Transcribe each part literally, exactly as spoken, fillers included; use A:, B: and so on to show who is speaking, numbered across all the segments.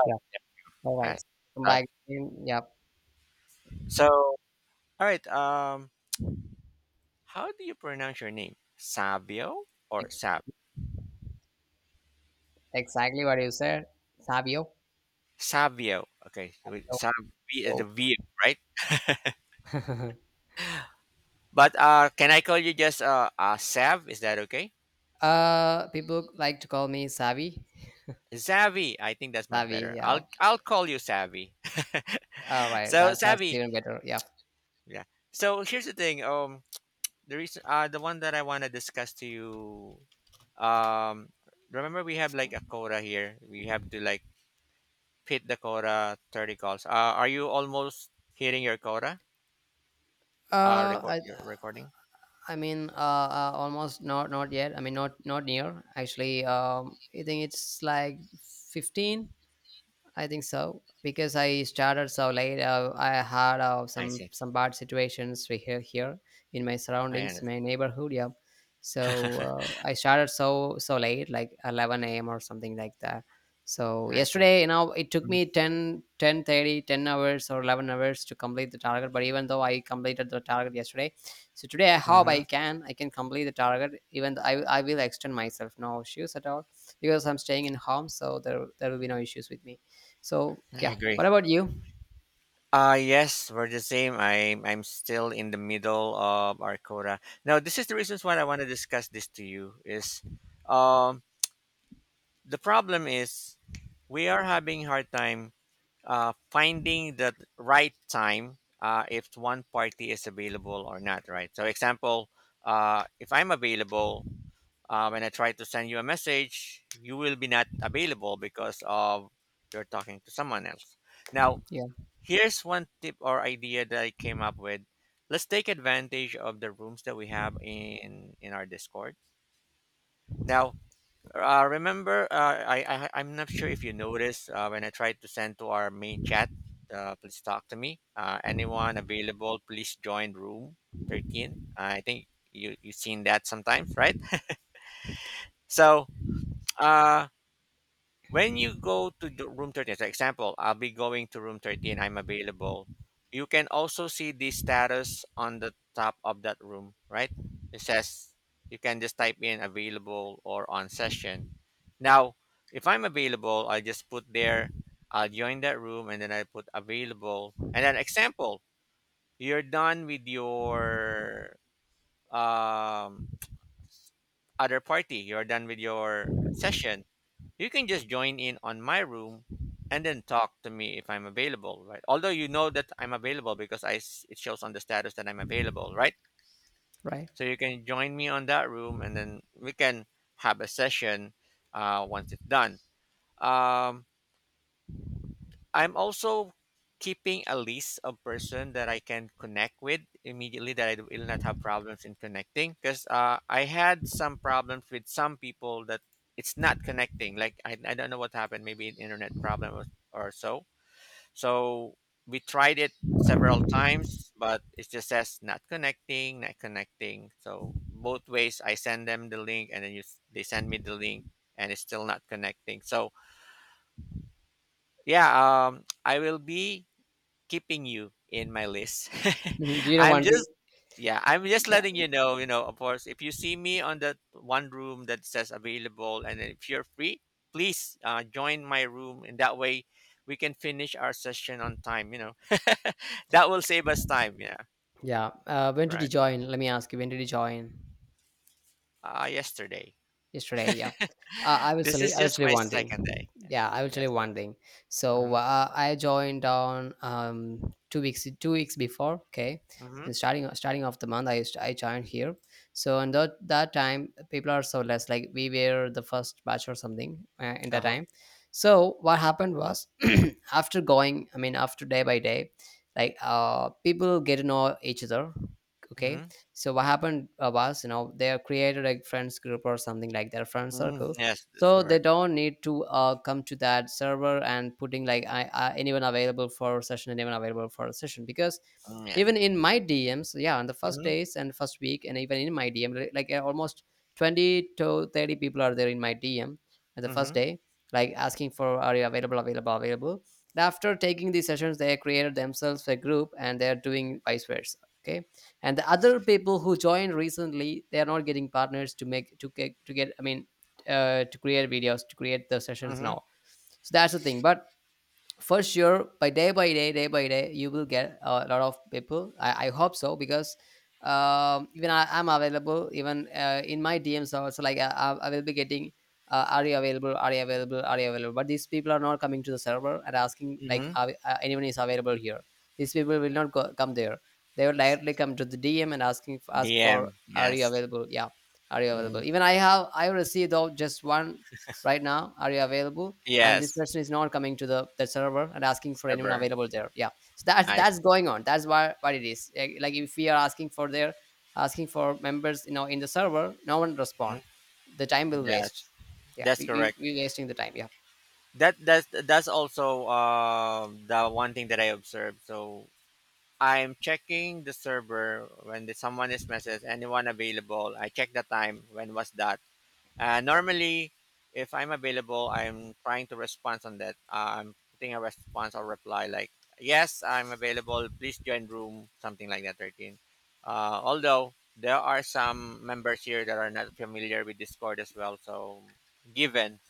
A: Oh,
B: Yeah, all
A: all
B: right.
A: right.
B: Come
A: Uh,
B: back in. Yep,
A: so, all right. Um, how do you pronounce your name? Savio or
B: ex-
A: Sab?
B: exactly what you said, Savio.
A: Savio. Okay. so we-
B: Yo,
A: Sav V is the
B: yo.
A: V, right? But uh, can I call you just uh, uh Sav? Is that okay?
B: Uh, people like to call me Savi.
A: Savvy. I think that's much
B: Savi,
A: better. I'll
B: yeah.
A: I'll call you Savvy.
B: All right,
A: So
B: that's that's
A: Savvy.
B: even better. Yeah.
A: Yeah. So here's the thing. Um, the reason uh the one that I want to discuss to you. Um, Remember we have like a quota here. We have to like Pete Dakota, thirty calls. Uh, are you almost hitting your quota? Uh,
B: Uh,
A: record
B: I,
A: your recording.
B: I mean, uh, uh, almost not not yet. I mean, not not near. Actually, um, I think it's like fifteen. I think so because I started so late. Uh, I had uh,
A: I
B: some
A: see.
B: some bad situations we here here in my surroundings,
A: I
B: in my neighborhood. Yeah, so
A: understand.
B: uh, I started so so late, like eleven a m or something like that. So
A: I see.
B: yesterday, you know, it took me ten, ten thirty, ten hours or eleven hours to complete the target. But even though I completed the target yesterday, so today I hope
A: Mm-hmm.
B: I can, I can complete the target. Even though I, I will extend myself, no issues at all because I'm staying in home. So there, there will be no issues with me. So
A: I
B: yeah.
A: agree.
B: What about you?
A: Uh yes, we're the same. I'm I'm still in the middle of our quota. Now, this is the reasons why I want to discuss this to you is, um, the problem is we are having hard time uh, finding the right time uh, if one party is available or not, right? So, example, uh, if I'm available, uh, when I try to send you a message, you will be not available because of you're talking to someone else. Now,
B: Yeah.
A: here's one tip or idea that I came up with. Let's take advantage of the rooms that we have in in our Discord. Now, uh, remember, uh, I, I I'm not sure if you noticed uh, when I tried to send to our main chat. Uh, please talk to me. Uh, anyone available? Please join room thirteen. I think you you've seen that sometimes, right? So uh, when you go to the room thirteen, for example, I'll be going to room thirteen. I'm available. You can also see the status on the top of that room, right? It says you can just type in available or on session now, if I'm available, I just put there, I'll join that room, and then I put available. And then example, you're done with your um, other party, you're done with your session. You can just join in on my room and then talk to me if I'm available, right? Although you know that I'm available because I s- it shows on the status that I'm available, right?
B: Right.
A: So you can join me on that room, and then we can have a session uh, once it's done. Um, I'm also keeping a list of person that I can connect with immediately that I will not have problems in connecting because uh, I had some problems with some people that it's not connecting. Like I, I don't know what happened, maybe an internet problem or, or so. So we tried it several times, but it just says not connecting, not connecting. So both ways, I send them the link and then you, s- they send me the link and it's still not connecting. So yeah, um, I will be keeping you in my list.
B: Mhm. Do you know
A: I'm
B: one thing?
A: just yeah, I'm just
B: Yeah.
A: letting you know, you know, of course, if you see me on that one room that says available and then if you're free, please uh, join my room and that way we can finish our session on time, you know. That will save us time, yeah,
B: Yeah. Uh, when did
A: right?
B: you join? Let me ask you. When did you join?
A: Uh, yesterday.
B: Yesterday, yeah. uh, i will
A: This
B: tell you
A: is
B: i will
A: just
B: tell you
A: my
B: one
A: second
B: thing.
A: day.
B: Yeah, I will tell you
A: Yes.
B: one thing. So
A: Mhm.
B: uh, I joined on um two weeks two weeks before. Okay,
A: Mhm.
B: and starting starting off the month, i used I joined here. So, and that that time, people are so less, like we were the first batch or something, uh, in that
A: Uh-huh.
B: time. So what happened was, after going I mean, after day by day, like uh people get to know each other. Okay,
A: Mhm.
B: so what happened uh, was, you know, they have created a friends group or something like their friend
A: Mm,
B: circle.
A: yes, that's
B: So they
A: correct.
B: don't need to uh, come to that server and putting like, I, I, anyone available for session, anyone available for session, because
A: Mm, yes.
B: even in my D Ms, yeah, on the first
A: Mhm.
B: days and first week, and even in my D M, li- like uh, almost twenty to thirty people are there in my D M at the first
A: Mhm.
B: day, like asking for, are you available, available, available. And after taking these sessions, they created themselves a group and they are doing vice versa. Okay. And the other people who joined recently, they are not getting partners to make to get to get I mean, uh, to create videos to create the sessions
A: Mhm.
B: now. So that's the thing. But for sure, by day by day day by day, you will get a lot of people, i, I hope so because um, even I, i'm available, even uh, in my dms also, like i, I I will be getting uh, are you available, are you available, are you available, but these people are not coming to the server and asking like,
A: Mhm.
B: are, we- uh, anyone is available here. These people will not go, come there. They will directly come to the dm and asking ask for,
A: D M,
B: are you
A: yes.
B: available? Yeah, are you available?
A: Mhm.
B: Even i have i received though just one right now, are you available? And this
A: Yes,
B: person is not coming to the, the server and asking for anyone
A: server.
B: available there. Yeah. So that's
A: I
B: that's
A: see.
B: going on. That's why, what it is, like, like if we are asking for their asking for members you know in the server, no one
A: Mhm.
B: respond. The time will waste.
A: Yes,
B: Yeah,
A: that's
B: we, we,
A: correct.
B: we wasting the time. Yeah.
A: That that's that's also uh, the one thing that I observed. So I'm checking the server when the, someone is messaged, anyone available. I check the time when was that. Uh, normally, if I'm available, I'm trying to respond on that. Uh, I'm putting a response or reply like, yes, I'm available. Please join room, something like that, thirteen. Uh, although there are some members here that are not familiar with Discord as well. So given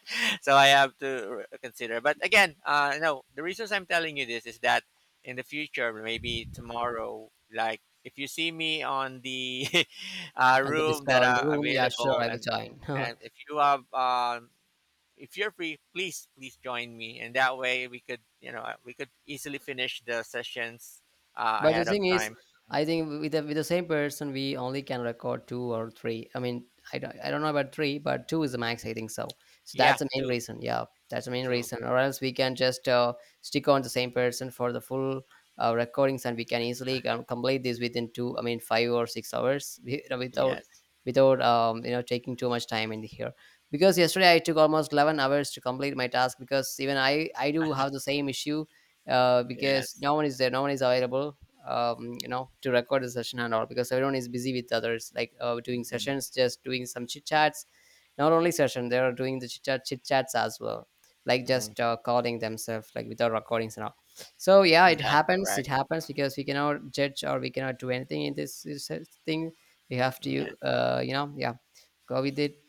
A: So I have to r- consider. But again, uh, no, the reasons I'm telling you this is that in the future, maybe tomorrow, like if you see me on the uh,
B: And the
A: room that
B: discount, the
A: are
B: room, yeah, sure,
A: available,
B: I will
A: and
B: join.
A: and if you have, um, if you're free, please please join me, and that way we could, you know, uh, we could easily finish the sessions uh,
B: But the
A: ahead of
B: thing is,
A: time.
B: I think with the, with the same person, we only can record two or three. I mean, I don't, I don't know about three, but two is the max, I think so. So
A: Yeah,
B: that's the main
A: too,
B: reason. Yeah, that's the main
A: too.
B: reason. Or else we can just uh, stick on the same person for the full uh, recordings, and we can easily com- complete this within two, I mean, five or six hours, wi- without
A: Yes,
B: without um, you know taking too much time in here, because yesterday I took almost eleven hours to complete my task, because even i i do have the same issue. uh, because
A: yes.
B: no one is there, no one is available, um, you know to record the session and all, because everyone is busy with others, like uh, doing
A: Hmm.
B: sessions, just doing some chit chats. Not only session, they are doing the chit chat chit chats as well, like
A: Hmm.
B: just uh, calling themselves, like without recordings and all. So yeah, it
A: That's
B: happens it
A: correct.
B: happens because we cannot judge, or we cannot do anything in this, this uh, thing. We have to,
A: Yes,
B: uh, you know yeah, go with it.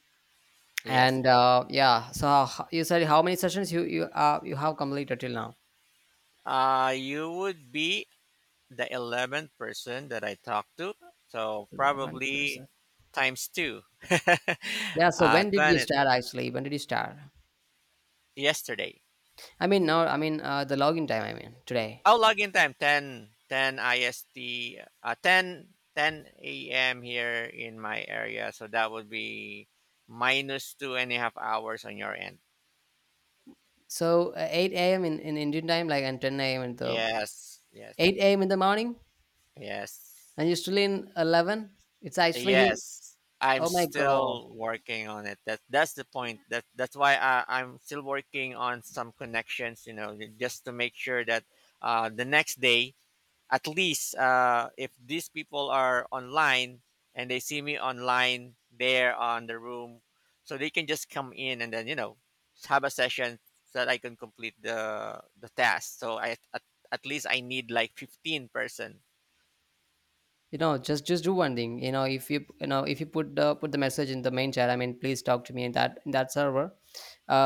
A: yes.
B: And uh, yeah, so how- you said, how many sessions you you uh, you have completed till now?
A: Uh, you would be the eleventh person that I talked to. So
B: One
A: probably
B: person.
A: times two.
B: Yeah, so
A: uh,
B: when did you
A: twenty,
B: start, actually, when did you start?
A: yesterday.
B: I mean, now, I mean, uh, the login time, I mean, today.
A: Oh, login time ten ten I S T, uh, ten ten a m here in my area. So that would be minus two and a half hours on your end.
B: So uh, eight a m. In, in Indian time, like, and ten a m in the
A: Yes, yes,
B: eight a m in the morning,
A: yes.
B: and you're still in eleven. It's actually,
A: Yes, I'm
B: oh my God.
A: still working on it. That that's the point. That that's why I, I'm still working on some connections. You know, just to make sure that uh, the next day, at least, uh, if these people are online and they see me online there on the room, so they can just come in and then you know have a session so that I can complete the the task. So I at, at least I need like fifteen person.
B: You know just just do one thing. you know if you you know if you put uh, put the message in the main chat, I mean, please talk to me, in that in that server.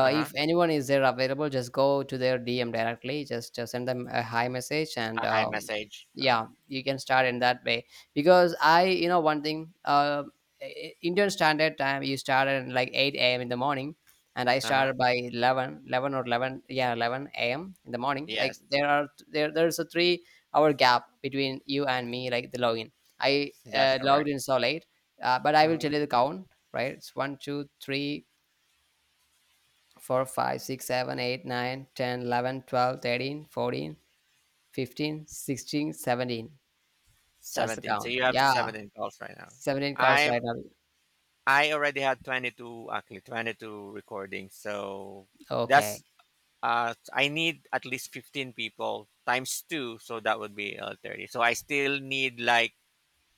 A: Uh
B: If
A: huh.
B: anyone is there available, just go to their dm directly. Just just send them a hi message,
A: A
B: and
A: high
B: um,
A: message. Um,
B: yeah, you can start in that way, because I you know one thing. Uh, I- indian standard time, you start at like eight a.m. in the morning, and I
A: uh huh.
B: started by eleven eleven or eleven, yeah, eleven a.m. in the morning. Like
A: Yes.
B: there are there there's a three hour gap between you and me, like the login, I
A: That's
B: uh, logged
A: correct.
B: in so late, uh, but I will
A: Hmm.
B: tell you the count, right? It's one, two, three, four, five, six, seven, eight, nine, ten, eleven, twelve, thirteen, fourteen, fifteen, sixteen, seventeen. That's the
A: seventeen. So
B: count.
A: you have
B: Yeah,
A: seventeen calls right now.
B: seventeen calls
A: I'm
B: right now.
A: I already had twenty-two actually twenty-two recordings. So that's
B: Okay.
A: uh I need at least fifteen people times two so that would be uh, thirty. So I still need like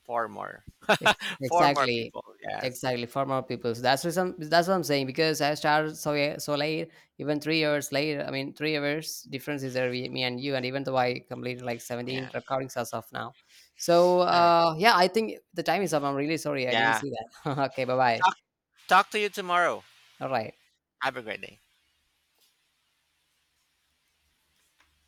A: four more.
B: Ex-
A: Four more
B: exactly
A: people. Yes.
B: exactly for more people. So that's reason, that's what I'm saying, because I started so, yeah, so late. Even three years later, I mean, three years difference is there with me and you. And even though I completed like
A: Yeah.
B: seventeen recordings as of now. So
A: All right.
B: uh yeah, I think the time is up. I'm really sorry I didn't
A: Yeah.
B: see that. Okay, bye bye.
A: Talk talk to you tomorrow.
B: All right.
A: Have a great day.